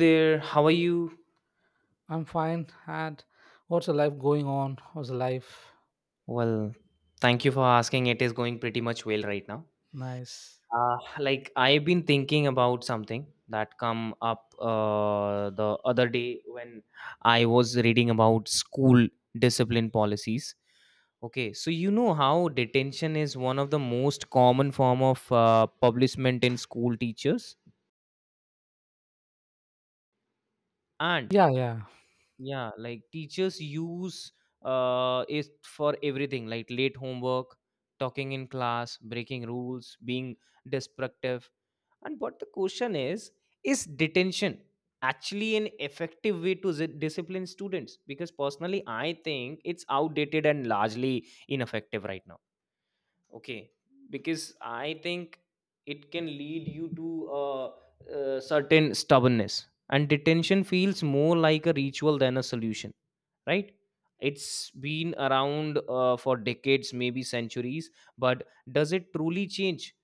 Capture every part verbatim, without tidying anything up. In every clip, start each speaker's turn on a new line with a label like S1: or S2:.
S1: There. How are you?
S2: I'm fine. And what's the life going on? What's the life?
S1: Well, thank you for asking. It is going pretty much well right now.
S2: Nice.
S1: Uh, like I've been thinking about something that come up uh, the other day when I was reading about school discipline policies. Okay, so you know how detention is one of the most common form of uh, punishment in school teachers, and
S2: Yeah, yeah.
S1: yeah, like teachers use uh, it for everything, like late homework, talking in class, breaking rules, being destructive. And what the question is, is detention actually an effective way to zi- discipline students? Because personally, I think it's outdated and largely ineffective right now. Okay, because I think it can lead you to a, a certain stubbornness, and detention feels more like a ritual than a solution, right? It's been around uh, for decades, maybe centuries, but does it truly change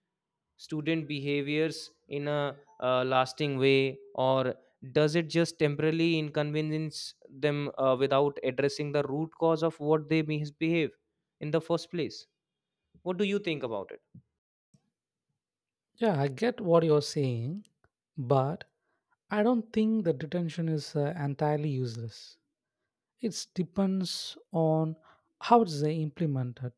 S1: student behaviors in a uh, lasting way, or does it just temporarily inconvenience them uh, without addressing the root cause of what they misbehave in the first place? What do you think about it?
S2: Yeah, I get what you're saying, but I don't think the detention is uh, entirely useless. It depends on how it's uh, implemented.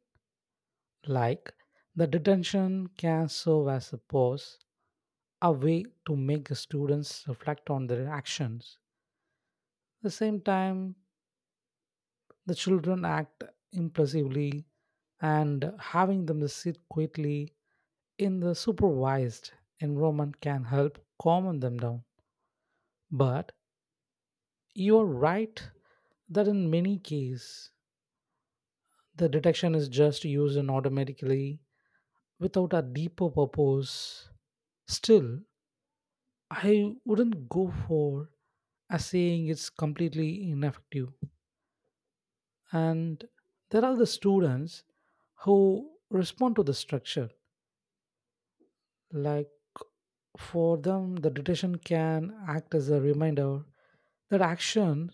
S2: Like, the detention can serve as a pause, a way to make the students reflect on their actions. At the same time, the children act impulsively and having them sit quietly in the supervised environment can help calm them down. But you're right that in many cases, the detection is just used in automatically without a deeper purpose. Still, I wouldn't go for a saying it's completely ineffective. And there are the students who respond to the structure. Like for them, the detention can act as a reminder that action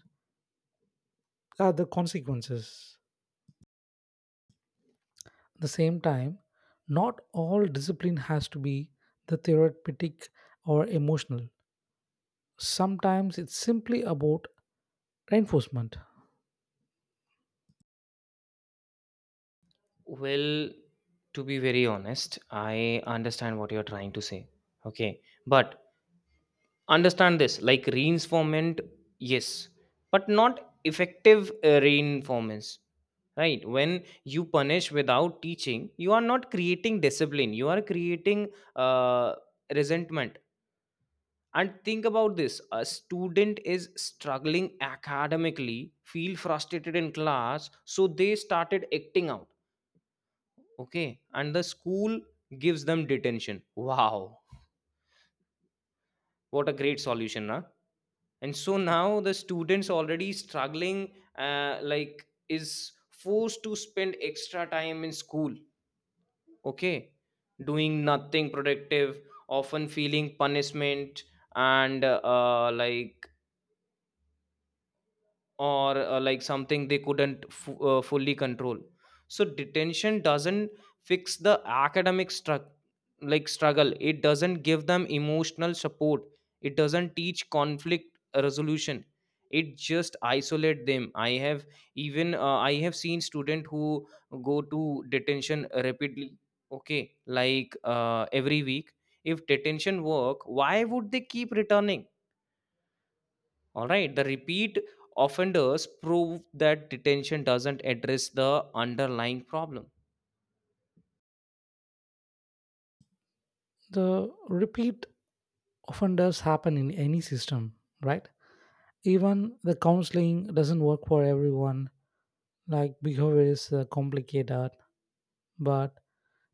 S2: are the consequences. At the same time, not all discipline has to be the therapeutic or emotional. Sometimes it's simply about reinforcement.
S1: Well, to be very honest, I understand what you're trying to say. Okay, but understand this, like reinforcement, yes, but not effective uh, reinforcements, right? When you punish without teaching, you are not creating discipline, you are creating uh, resentment. And think about this, a student is struggling academically, feel frustrated in class, so they started acting out. Okay, and the school gives them detention. Wow, what a great solution, huh? And so now the students already struggling, uh, like is forced to spend extra time in school, okay, doing nothing productive, often feeling punishment, and uh, like or uh, like something they couldn't f- uh, fully control. So detention doesn't fix the academic stru- like struggle, it doesn't give them emotional support, it doesn't teach conflict resolution, it just isolate them. I have even uh, i have seen student who go to detention rapidly. Okay, like uh, every week, if detention work, why would they keep returning? All right, the repeat offenders prove that detention doesn't address the underlying problem.
S2: The repeat offenders happen in any system, right? Even the counseling doesn't work for everyone. Like behavior is uh, complicated, but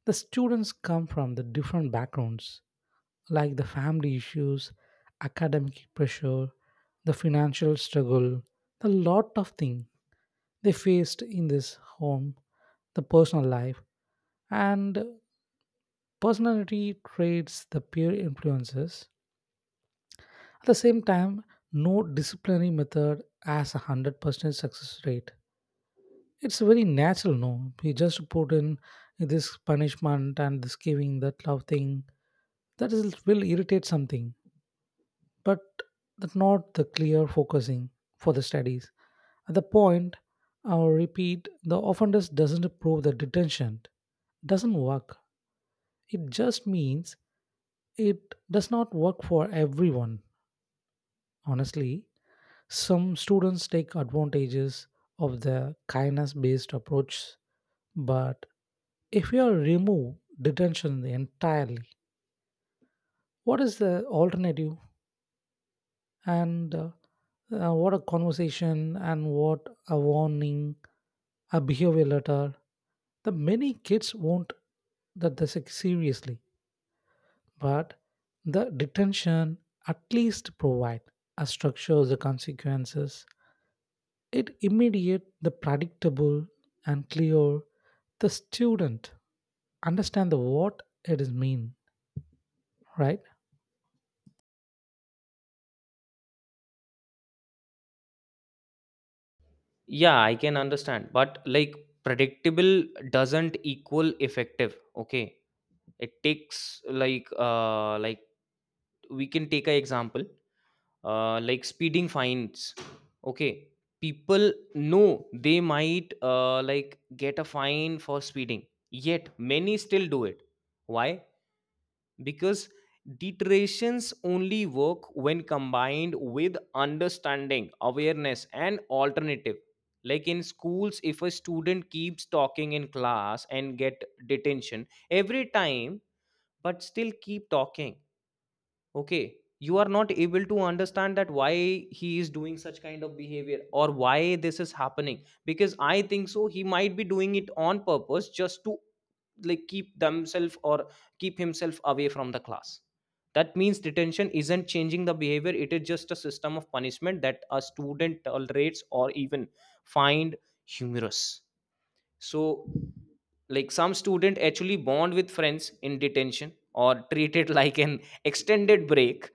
S2: the students come from the different backgrounds, like the family issues, academic pressure, the financial struggle, the lot of things they faced in this home, the personal life, and personality traits, the peer influences. At the same time, no disciplinary method has a one hundred percent success rate. It's very natural, no? He just put in this punishment and this giving that love thing. That is, will irritate something, but that not the clear focusing for the studies. At the point, I'll repeat, the offenders doesn't prove the detention doesn't work. It just means it does not work for everyone. Honestly, some students take advantages of the kindness based approach, but if you remove detention entirely, what is the alternative? And uh, uh, What a conversation and what a warning, a behavior letter. The many kids won't that this seriously, but the detention at least provide a structure of the consequences. It immediate, the predictable and clear. The student understand the what it is mean, right?
S1: Yeah, I can understand, but like predictable doesn't equal effective. Okay, it takes like uh like we can take an example uh like speeding fines. Okay, people know they might uh like get a fine for speeding, yet many still do it. Why? Because deterrence only work when combined with understanding, awareness, and alternative, like in schools, if a student keeps talking in class and get detention every time but still keep talking. Okay, you are not able to understand that why he is doing such kind of behavior or why this is happening, because I think so he might be doing it on purpose just to, like, keep themselves or keep himself away from the class. That means detention isn't changing the behavior, it is just a system of punishment that a student tolerates or even find humorous. So like some student actually bond with friends in detention or treat it like an extended break.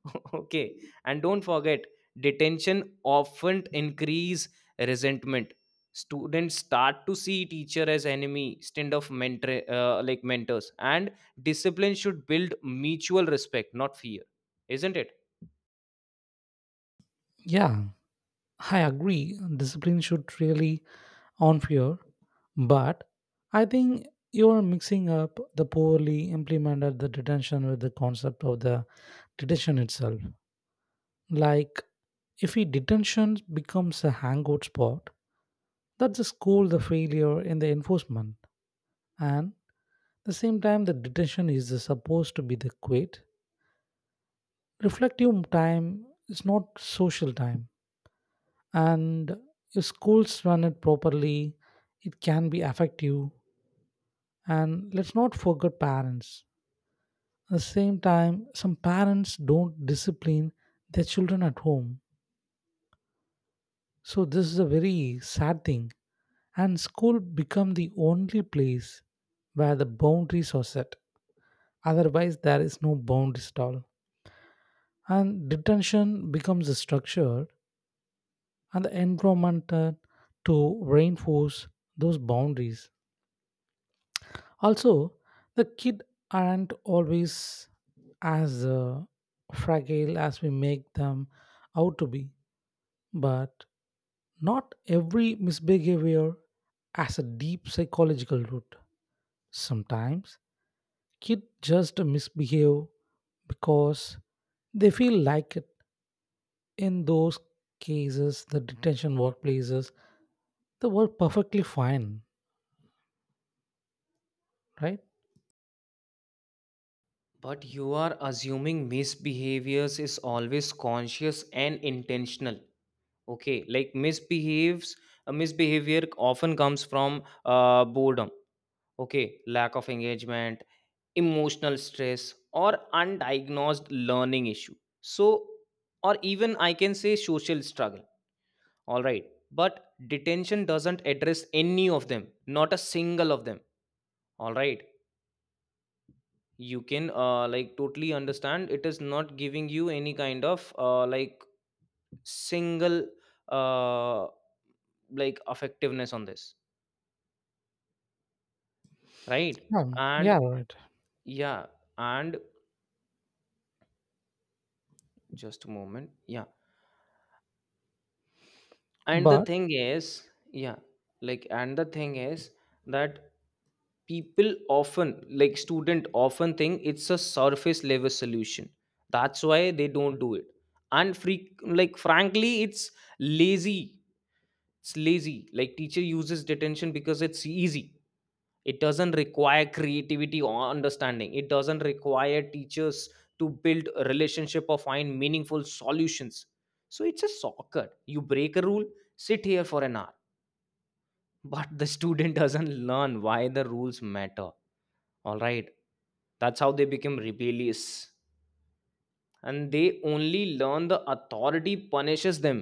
S1: Okay, and don't forget, detention often increase resentment. Students start to see teacher as enemy instead of mentor uh, like mentors, and discipline should build mutual respect, not fear, isn't it?
S2: Yeah. I agree, discipline should really on fear, but I think you are mixing up the poorly implemented the detention with the concept of the detention itself. Like, if a detention becomes a hangout spot, that's the school the failure in the enforcement, and the same time the detention is supposed to be the quit. Reflective time is not social time. And if schools run it properly, it can be effective. And let's not forget parents. At the same time, some parents don't discipline their children at home, so this is a very sad thing, and school become the only place where the boundaries are set, otherwise there is no boundaries at all, and detention becomes a structure and the environment uh, to reinforce those boundaries. Also, the kid aren't always as uh, fragile as we make them out to be, but not every misbehavior has a deep psychological root. Sometimes kids just misbehave because they feel like it. In those cases, the detention workplaces, they were perfectly fine, right?
S1: But you are assuming misbehaviors is always conscious and intentional. Okay, like misbehaves uh, misbehavior often comes from uh, boredom, okay, lack of engagement, emotional stress, or undiagnosed learning issue, so or even I can say social struggle, all right? But detention doesn't address any of them, not a single of them, all right? You can uh, like totally understand it is not giving you any kind of uh, like single uh, like effectiveness on this, right?
S2: Um, yeah,
S1: And
S2: right.
S1: yeah, and just a moment, yeah, and the
S2: But
S1: thing is yeah like and the thing is that people often, like, student often think it's a surface level solution, that's why they don't do it. And free like frankly it's lazy. It's lazy, like teacher uses detention because it's easy. It doesn't require creativity or understanding, it doesn't require teachers to build a relationship or find meaningful solutions. So it's a soccer, you break a rule, sit here for an hour, but the student doesn't learn why the rules matter, all right? That's how they become rebellious, and they only learn the authority punishes them.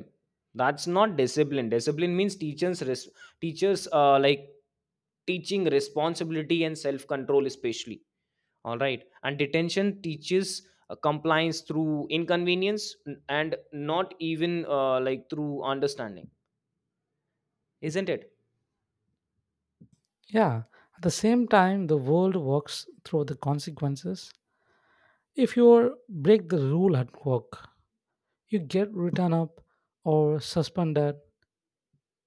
S1: That's not discipline. Discipline means teachers res- teachers uh, like teaching responsibility and self control especially, all right? And detention teaches uh, compliance through inconvenience, n- and not even uh, like through understanding, isn't it?
S2: yeah, at the same time, the world works through the consequences. If you break the rule at work, you get written up or suspended.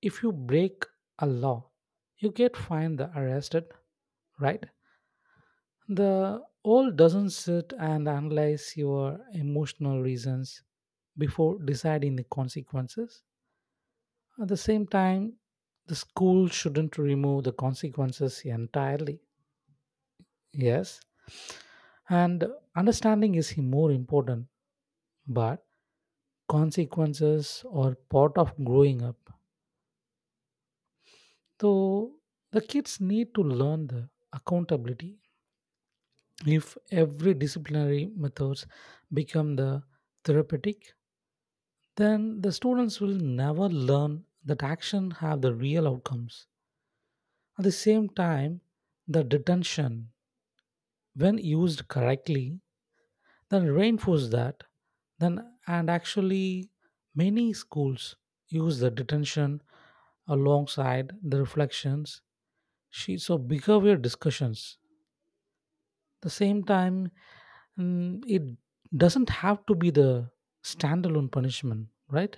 S2: If you break a law, you get fined or arrested, right? The old doesn't sit and analyze your emotional reasons before deciding the consequences. At the same time, the school shouldn't remove the consequences entirely. Yes, and understanding is more important, but consequences are part of growing up. So the kids need to learn the accountability. If every disciplinary methods become the therapeutic, then the students will never learn that action have the real outcomes. At the same time, the detention, when used correctly, then reinforce that. Then and actually many schools use the detention alongside the reflections sheets of behavior discussions. The same time, mm, it doesn't have to be the standalone punishment, right?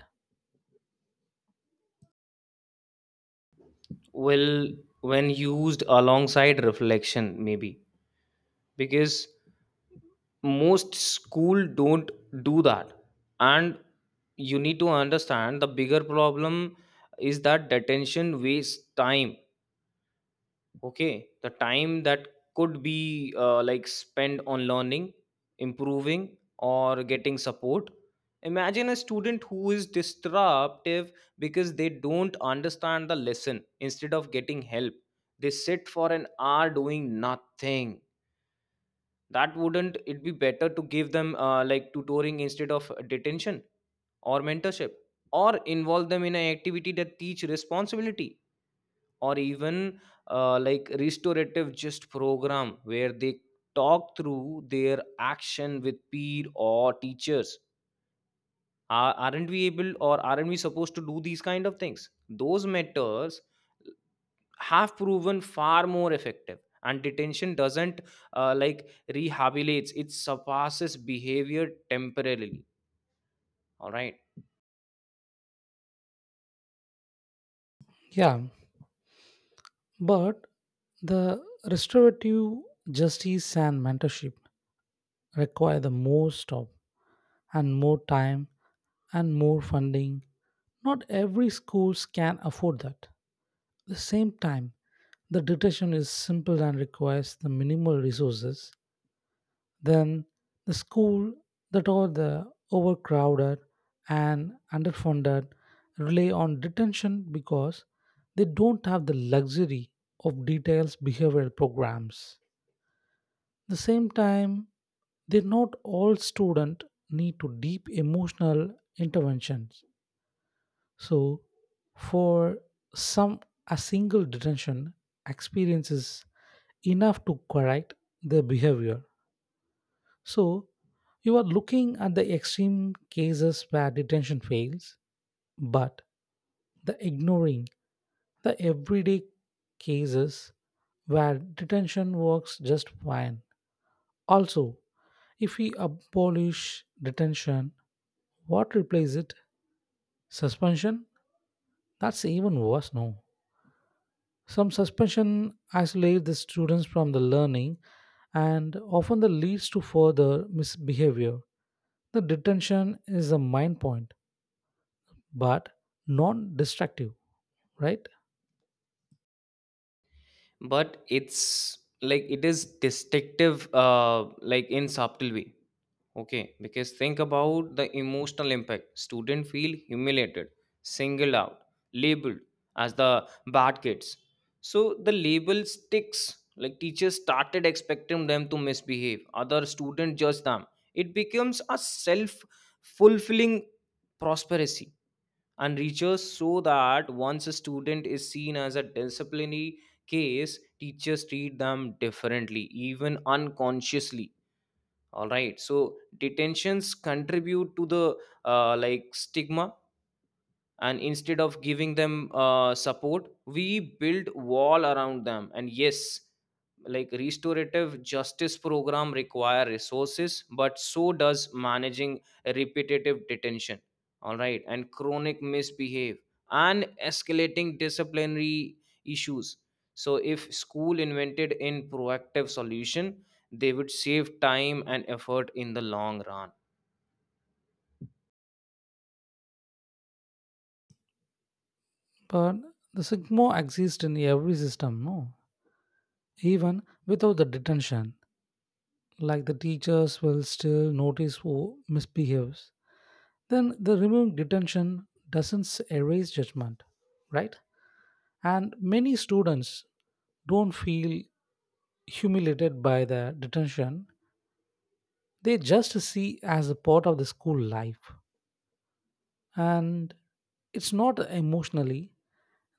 S1: Well, when used alongside reflection maybe, because most school don't do that. And you need to understand the bigger problem is that detention wastes time. Okay, the time that could be uh, like spent on learning, improving, or getting support. Imagine a student who is disruptive because they don't understand the lesson. Instead of getting help, they sit for an hour doing nothing. That wouldn't it be better to give them uh, like tutoring instead of detention, or mentorship, or involve them in an activity that teach responsibility? Or even uh, like restorative just program where they talk through their action with peer or teachers. Are- aren't we able, or aren't we supposed to do these kind of things? Those mentors have proven far more effective, and detention doesn't uh, like rehabilitates, it surpasses behavior temporarily, all right?
S2: Yeah, but the restorative justice and mentorship require the more staff and more time and more funding. Not every schools can afford that. At the same time, the detection is simple and requires the minimal resources. Then the school that are the overcrowded and underfunded rely on detention because they don't have the luxury of detailed behavioral programs. The same time, they not all students need to deep emotional interventions. So for some, a single detention experience is enough to correct their behavior. So you are looking at the extreme cases where detention fails, but the ignoring the everyday cases where detention works just fine. Also, if we abolish detention, what replaces it? Suspension? That's even worse, no. Some suspension isolates the students from the learning and often that leads to further misbehavior. The detention is a main point, but non-destructive, right?
S1: But it's like it is destructive, uh, like in subtle way. Okay, because think about the emotional impact. Students feel humiliated, singled out, labeled as the bad kids. So the label sticks. Like teachers started expecting them to misbehave. Other students judge them. It becomes a self-fulfilling prosperity. And research show that once a student is seen as a disciplinary case, teachers treat them differently, even unconsciously, all right? So detentions contribute to the uh, like stigma, and instead of giving them uh, support, we build wall around them. And yes, like restorative justice program require resources, but so does managing repetitive detention, all right? And chronic misbehave, and escalating disciplinary issues. So if school invented in proactive solution, they would save time and effort in the long run.
S2: But the sigma exists in every system, no? Even without the detention. Like the teachers will still notice who misbehaves, then the removed detention doesn't erase judgment, right? And many students don't feel humiliated by the detention. They just see as a part of the school life. And it's not emotionally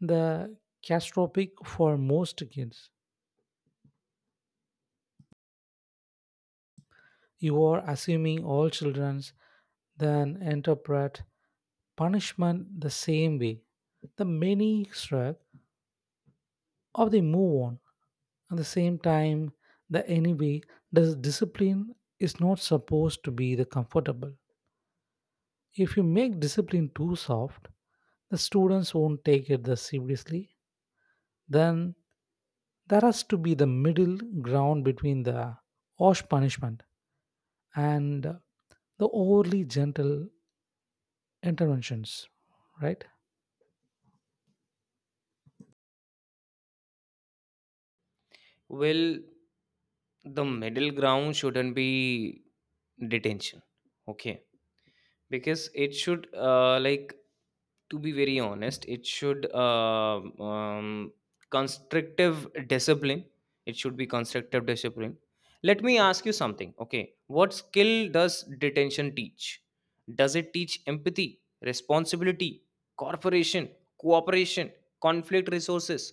S2: the catastrophic for most kids. You are assuming all childrens then interpret punishment the same way. The many shrug or they move on. At the same time, the anyway, the discipline is not supposed to be the comfortable. If you make discipline too soft, the students won't take it the seriously. Then there has to be the middle ground between the harsh punishment and the overly gentle interventions, right?
S1: Well, the middle ground shouldn't be detention. Okay, because it should uh, like, to be very honest, it should, uh, um, constructive discipline, it should be constructive discipline. Let me ask you something. Okay, what skill does detention teach? Does it teach empathy, responsibility, cooperation, cooperation conflict resources,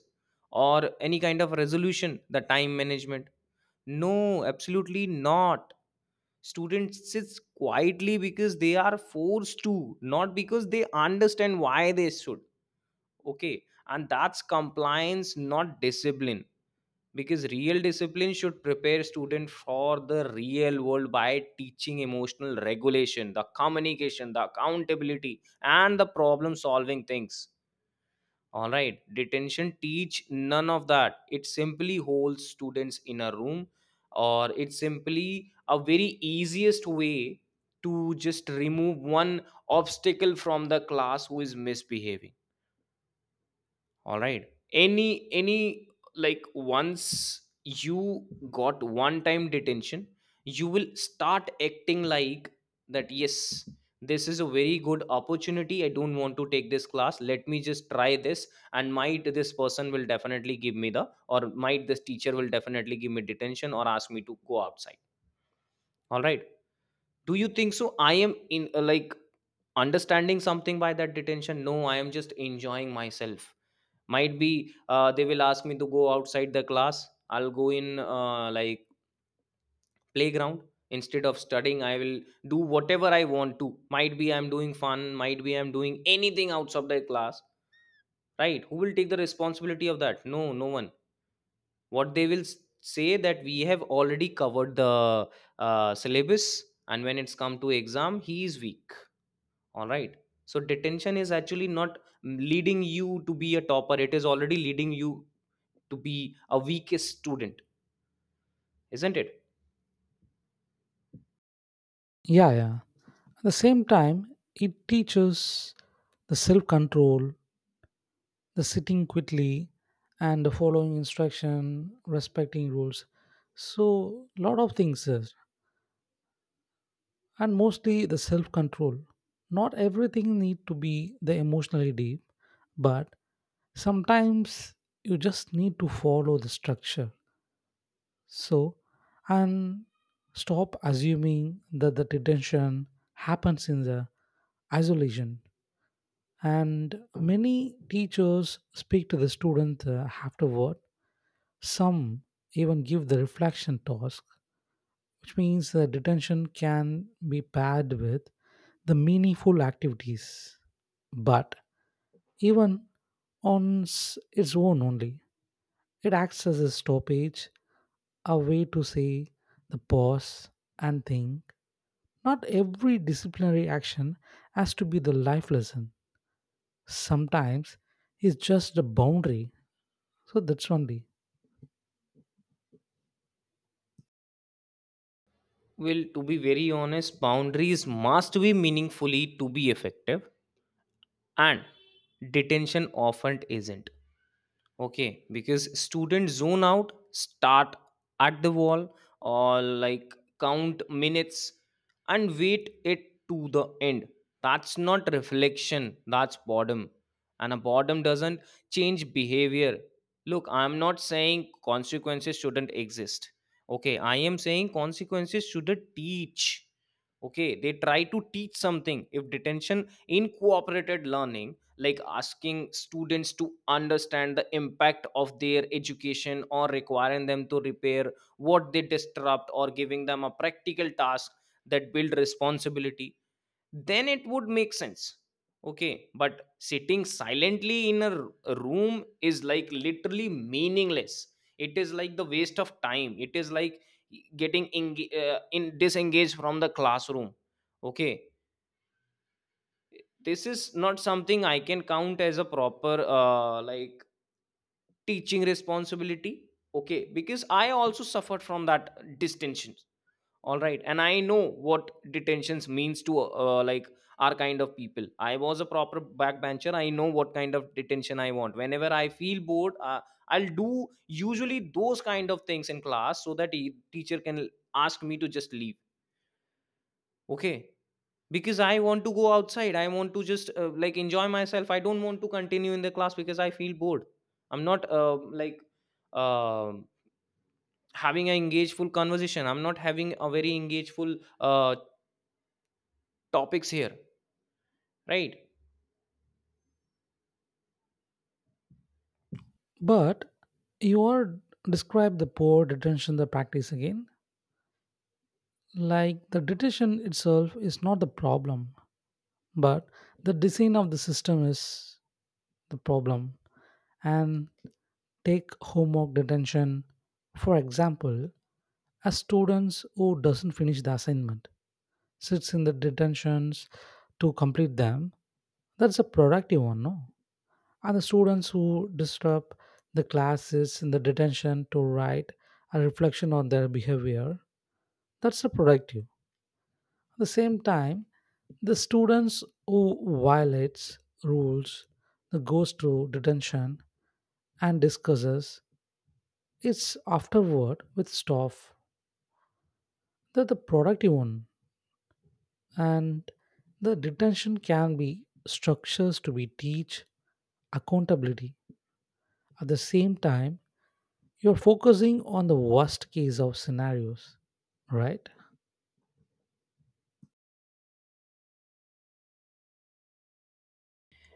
S1: or any kind of resolution, the time management? No, absolutely not. Students sits quietly because they are forced to, not because they understand why they should. Okay, and that's compliance, not discipline. Because real discipline should prepare student for the real world by teaching emotional regulation, the communication, the accountability, and the problem solving things. All right, detention teach none of that. It simply holds students in a room, or it's simply a very easiest way to just remove one obstacle from the class who is misbehaving. All right. Any any like once you got one time detention, you will start acting like that. Yes, this is a very good opportunity. I don't want to take this class. Let me just try this, and might this person will definitely give me the or might this teacher will definitely give me detention or ask me to go outside. All right. Do you think so? I am in uh, like understanding something by that detention. No, I am just enjoying myself. Might be uh, they will ask me to go outside the class, I'll go in uh, like playground, instead of studying I will do whatever I want to. Might be I'm doing fun, might be I'm doing anything outside the class, right? Who will take the responsibility of that? No, no one. What they will s- say that we have already covered the uh, syllabus, and when it's come to exam he is weak, all right? So detention is actually not leading you to be a topper, it is already leading you to be a weakest student, isn't it?
S2: Yeah, yeah. At the same time, it teaches the self control, the sitting quickly, and the following instruction, respecting rules. So, lot of things, sir. And mostly the self control. Not everything need to be the emotionally deep, but sometimes you just need to follow the structure. So, and stop assuming that the detention happens in the isolation. And many teachers speak to the student uh, afterward. Some even give the reflection task, which means the detention can be paired with the meaningful activities. But even on s- its own only, it acts as a stoppage, a way to say the pause and think. Not every disciplinary action has to be the life lesson. Sometimes it's just a boundary. So that's only.
S1: Well, to be very honest, boundaries must be meaningfully to be effective, and detention often isn't. Okay, because students zone out, start at the wall, or like count minutes and wait it to the end. That's not reflection, that's boredom. And a boredom doesn't change behavior. Look, I'm not saying consequences shouldn't exist. Okay, I am saying consequences should teach. Okay, they try to teach something. If detention in cooperated learning, like asking students to understand the impact of their education, or requiring them to repair what they disrupt, or giving them a practical task that build responsibility, then it would make sense. Okay, but sitting silently in a r- a room is like literally meaningless. It is like the waste of time. It is like e-, getting enga- uh, in disengaged from the classroom. Okay, this is not something I can count as a proper uh, like teaching responsibility. Okay, because I also suffered from that distensions. All right, and I know what detentions means to uh, like our kind of people. I was a proper backbencher. I know what kind of detention I want. Whenever I feel bored, uh, I'll do usually those kind of things in class so that the teacher can ask me to just leave. Okay, because I want to go outside. I want to just uh, like enjoy myself. I don't want to continue in the class because I feel bored. I'm not uh, like um having an engageful conversation. I'm not having a very engageful uh, topics here, right?
S2: But you are describe the poor detention the practice again. Like the detention itself is not the problem, but the design of the system is the problem. And take homework detention. For example, a students who doesn't finish the assignment sits in the detentions to complete them. That's a productive one, no? And the students who disturb the classes in the detention to write a reflection on their behavior, that's a productive. At the same time, the students who violates rules the goes to detention and discusses it's afterward with staff, that the productive one. And the detention can be structures to be teach accountability. At the same time, you're focusing on the worst case of scenarios, right?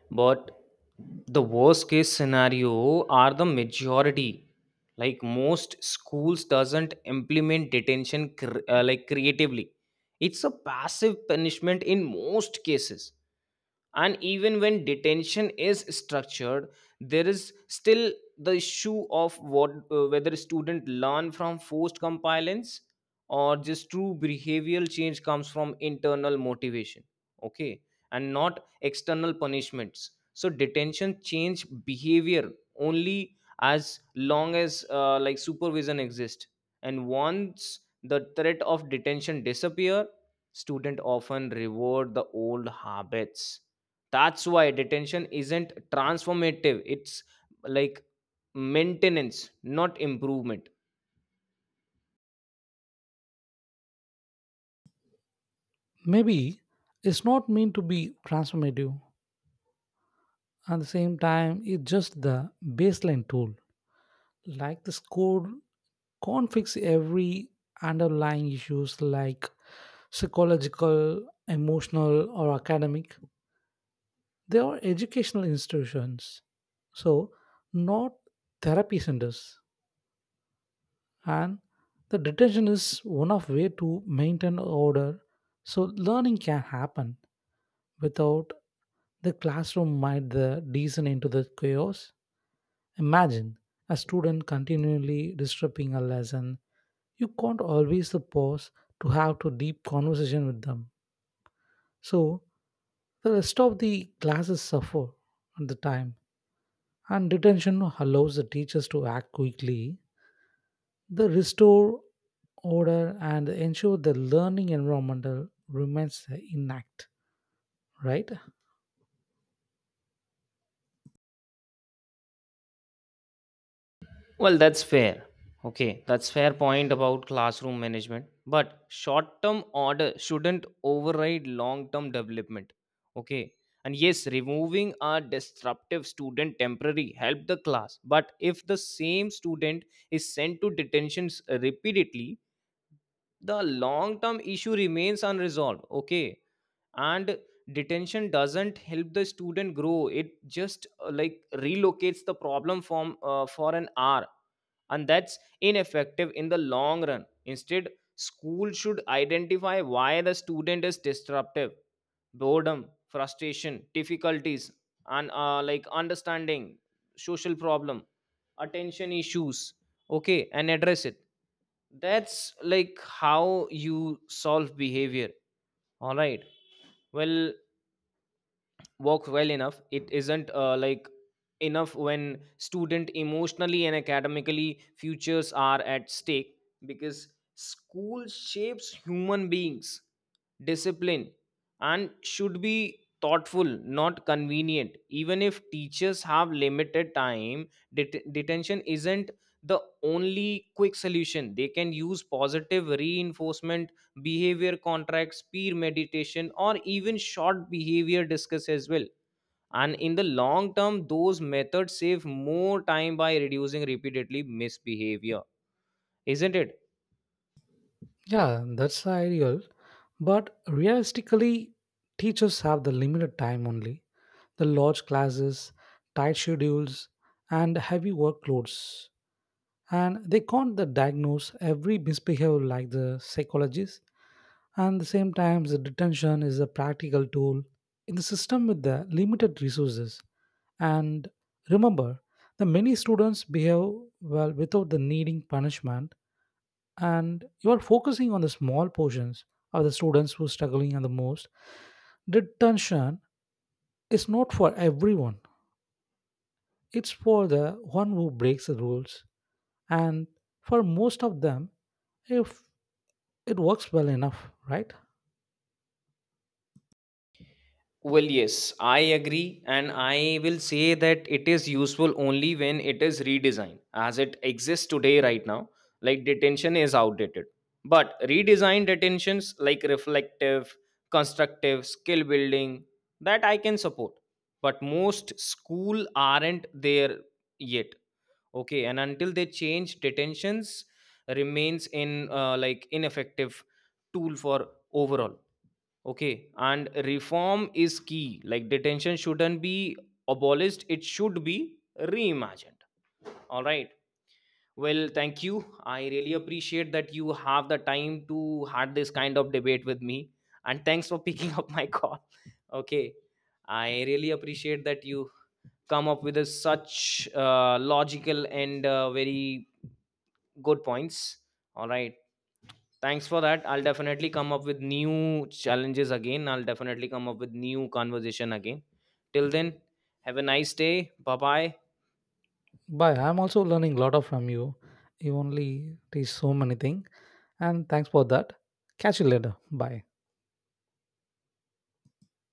S1: But the worst case scenario are the majority. Like, most schools doesn't implement detention cr- uh, like creatively. It's a passive punishment in most cases. And even when detention is structured, there is still the issue of what, uh, whether student learn from forced compliance or just true behavioral change comes from internal motivation. Okay, and not external punishments. So detention change behavior only as long as uh, like supervision exists. And once the threat of detention disappear, student often reward the old habits. That's why detention isn't transformative. It's like maintenance, not improvement.
S2: Maybe it's not meant to be transformative. At the same time, it's just the baseline tool. Like the score can't fix every underlying issues like psychological, emotional, or academic. They are educational institutions, so not therapy centers. And the detention is one of way to maintain order so learning can happen without the classroom might the descend into the chaos. Imagine a student continually disrupting a lesson, you can't always pause to have to deep conversation with them, so the rest of the classes suffer at the time. And detention allows the teachers to act quickly. They restore order and ensure the learning environment remains intact, right?
S1: Well, that's fair. Okay, that's fair point about classroom management, but short term order shouldn't override long term development. Okay, and yes, removing a disruptive student temporary help the class, but if the same student is sent to detentions repeatedly, the long term issue remains unresolved. Okay, and detention doesn't help the student grow. It just uh, like relocates the problem from, uh, for an hour, and that's ineffective in the long run. Instead, school should identify why the student is disruptive: boredom, frustration, difficulties, and uh, like understanding, social problem, attention issues. Okay, and address it. That's like how you solve behavior. All right, well, work well enough, it isn't uh, like enough when student emotionally and academically futures are at stake, because school shapes human beings. Discipline and should be thoughtful, not convenient. Even if teachers have limited time, det- detention isn't the only quick solution. They can use positive reinforcement, behavior contracts, peer meditation, or even short behavior discuss as well. And in the long term, those methods save more time by reducing repeatedly misbehavior, isn't it?
S2: Yeah, that's ideal. But realistically, teachers have the limited time only. The large classes, tight schedules, and heavy workloads, and they can't the diagnose every misbehavior like the psychologists. And the same time the detention is a practical tool in the system with the limited resources. And remember, the many students behave well without the needing punishment. And you are focusing on the small portions of the students who are struggling. And the most detention is not for everyone, it's for the one who breaks the rules. And for most of them, if it works well enough, right?
S1: Well, yes, I agree, and I will say that it is useful only when it is redesigned as it exists today, right now. Like, detention is outdated, but redesigned detentions, like reflective, constructive, skill building, that I can support. But most school aren't there yet. Okay, and until they change, detentions remains in uh, like ineffective tool for overall. Okay, and reform is key. Like, detention shouldn't be abolished, it should be reimagined. All right. Well, thank you. I really appreciate that you have the time to have this kind of debate with me. And thanks for picking up my call. Okay. I really appreciate that you come up with a such uh, logical and uh, very good points. All right. Thanks for that. I'll definitely come up with new challenges again. I'll definitely come up with new conversation again. Till then, have a nice day. Bye bye.
S2: Bye. I'm also learning a lot of from you. You only teach so many things, and thanks for that. Catch you later. Bye.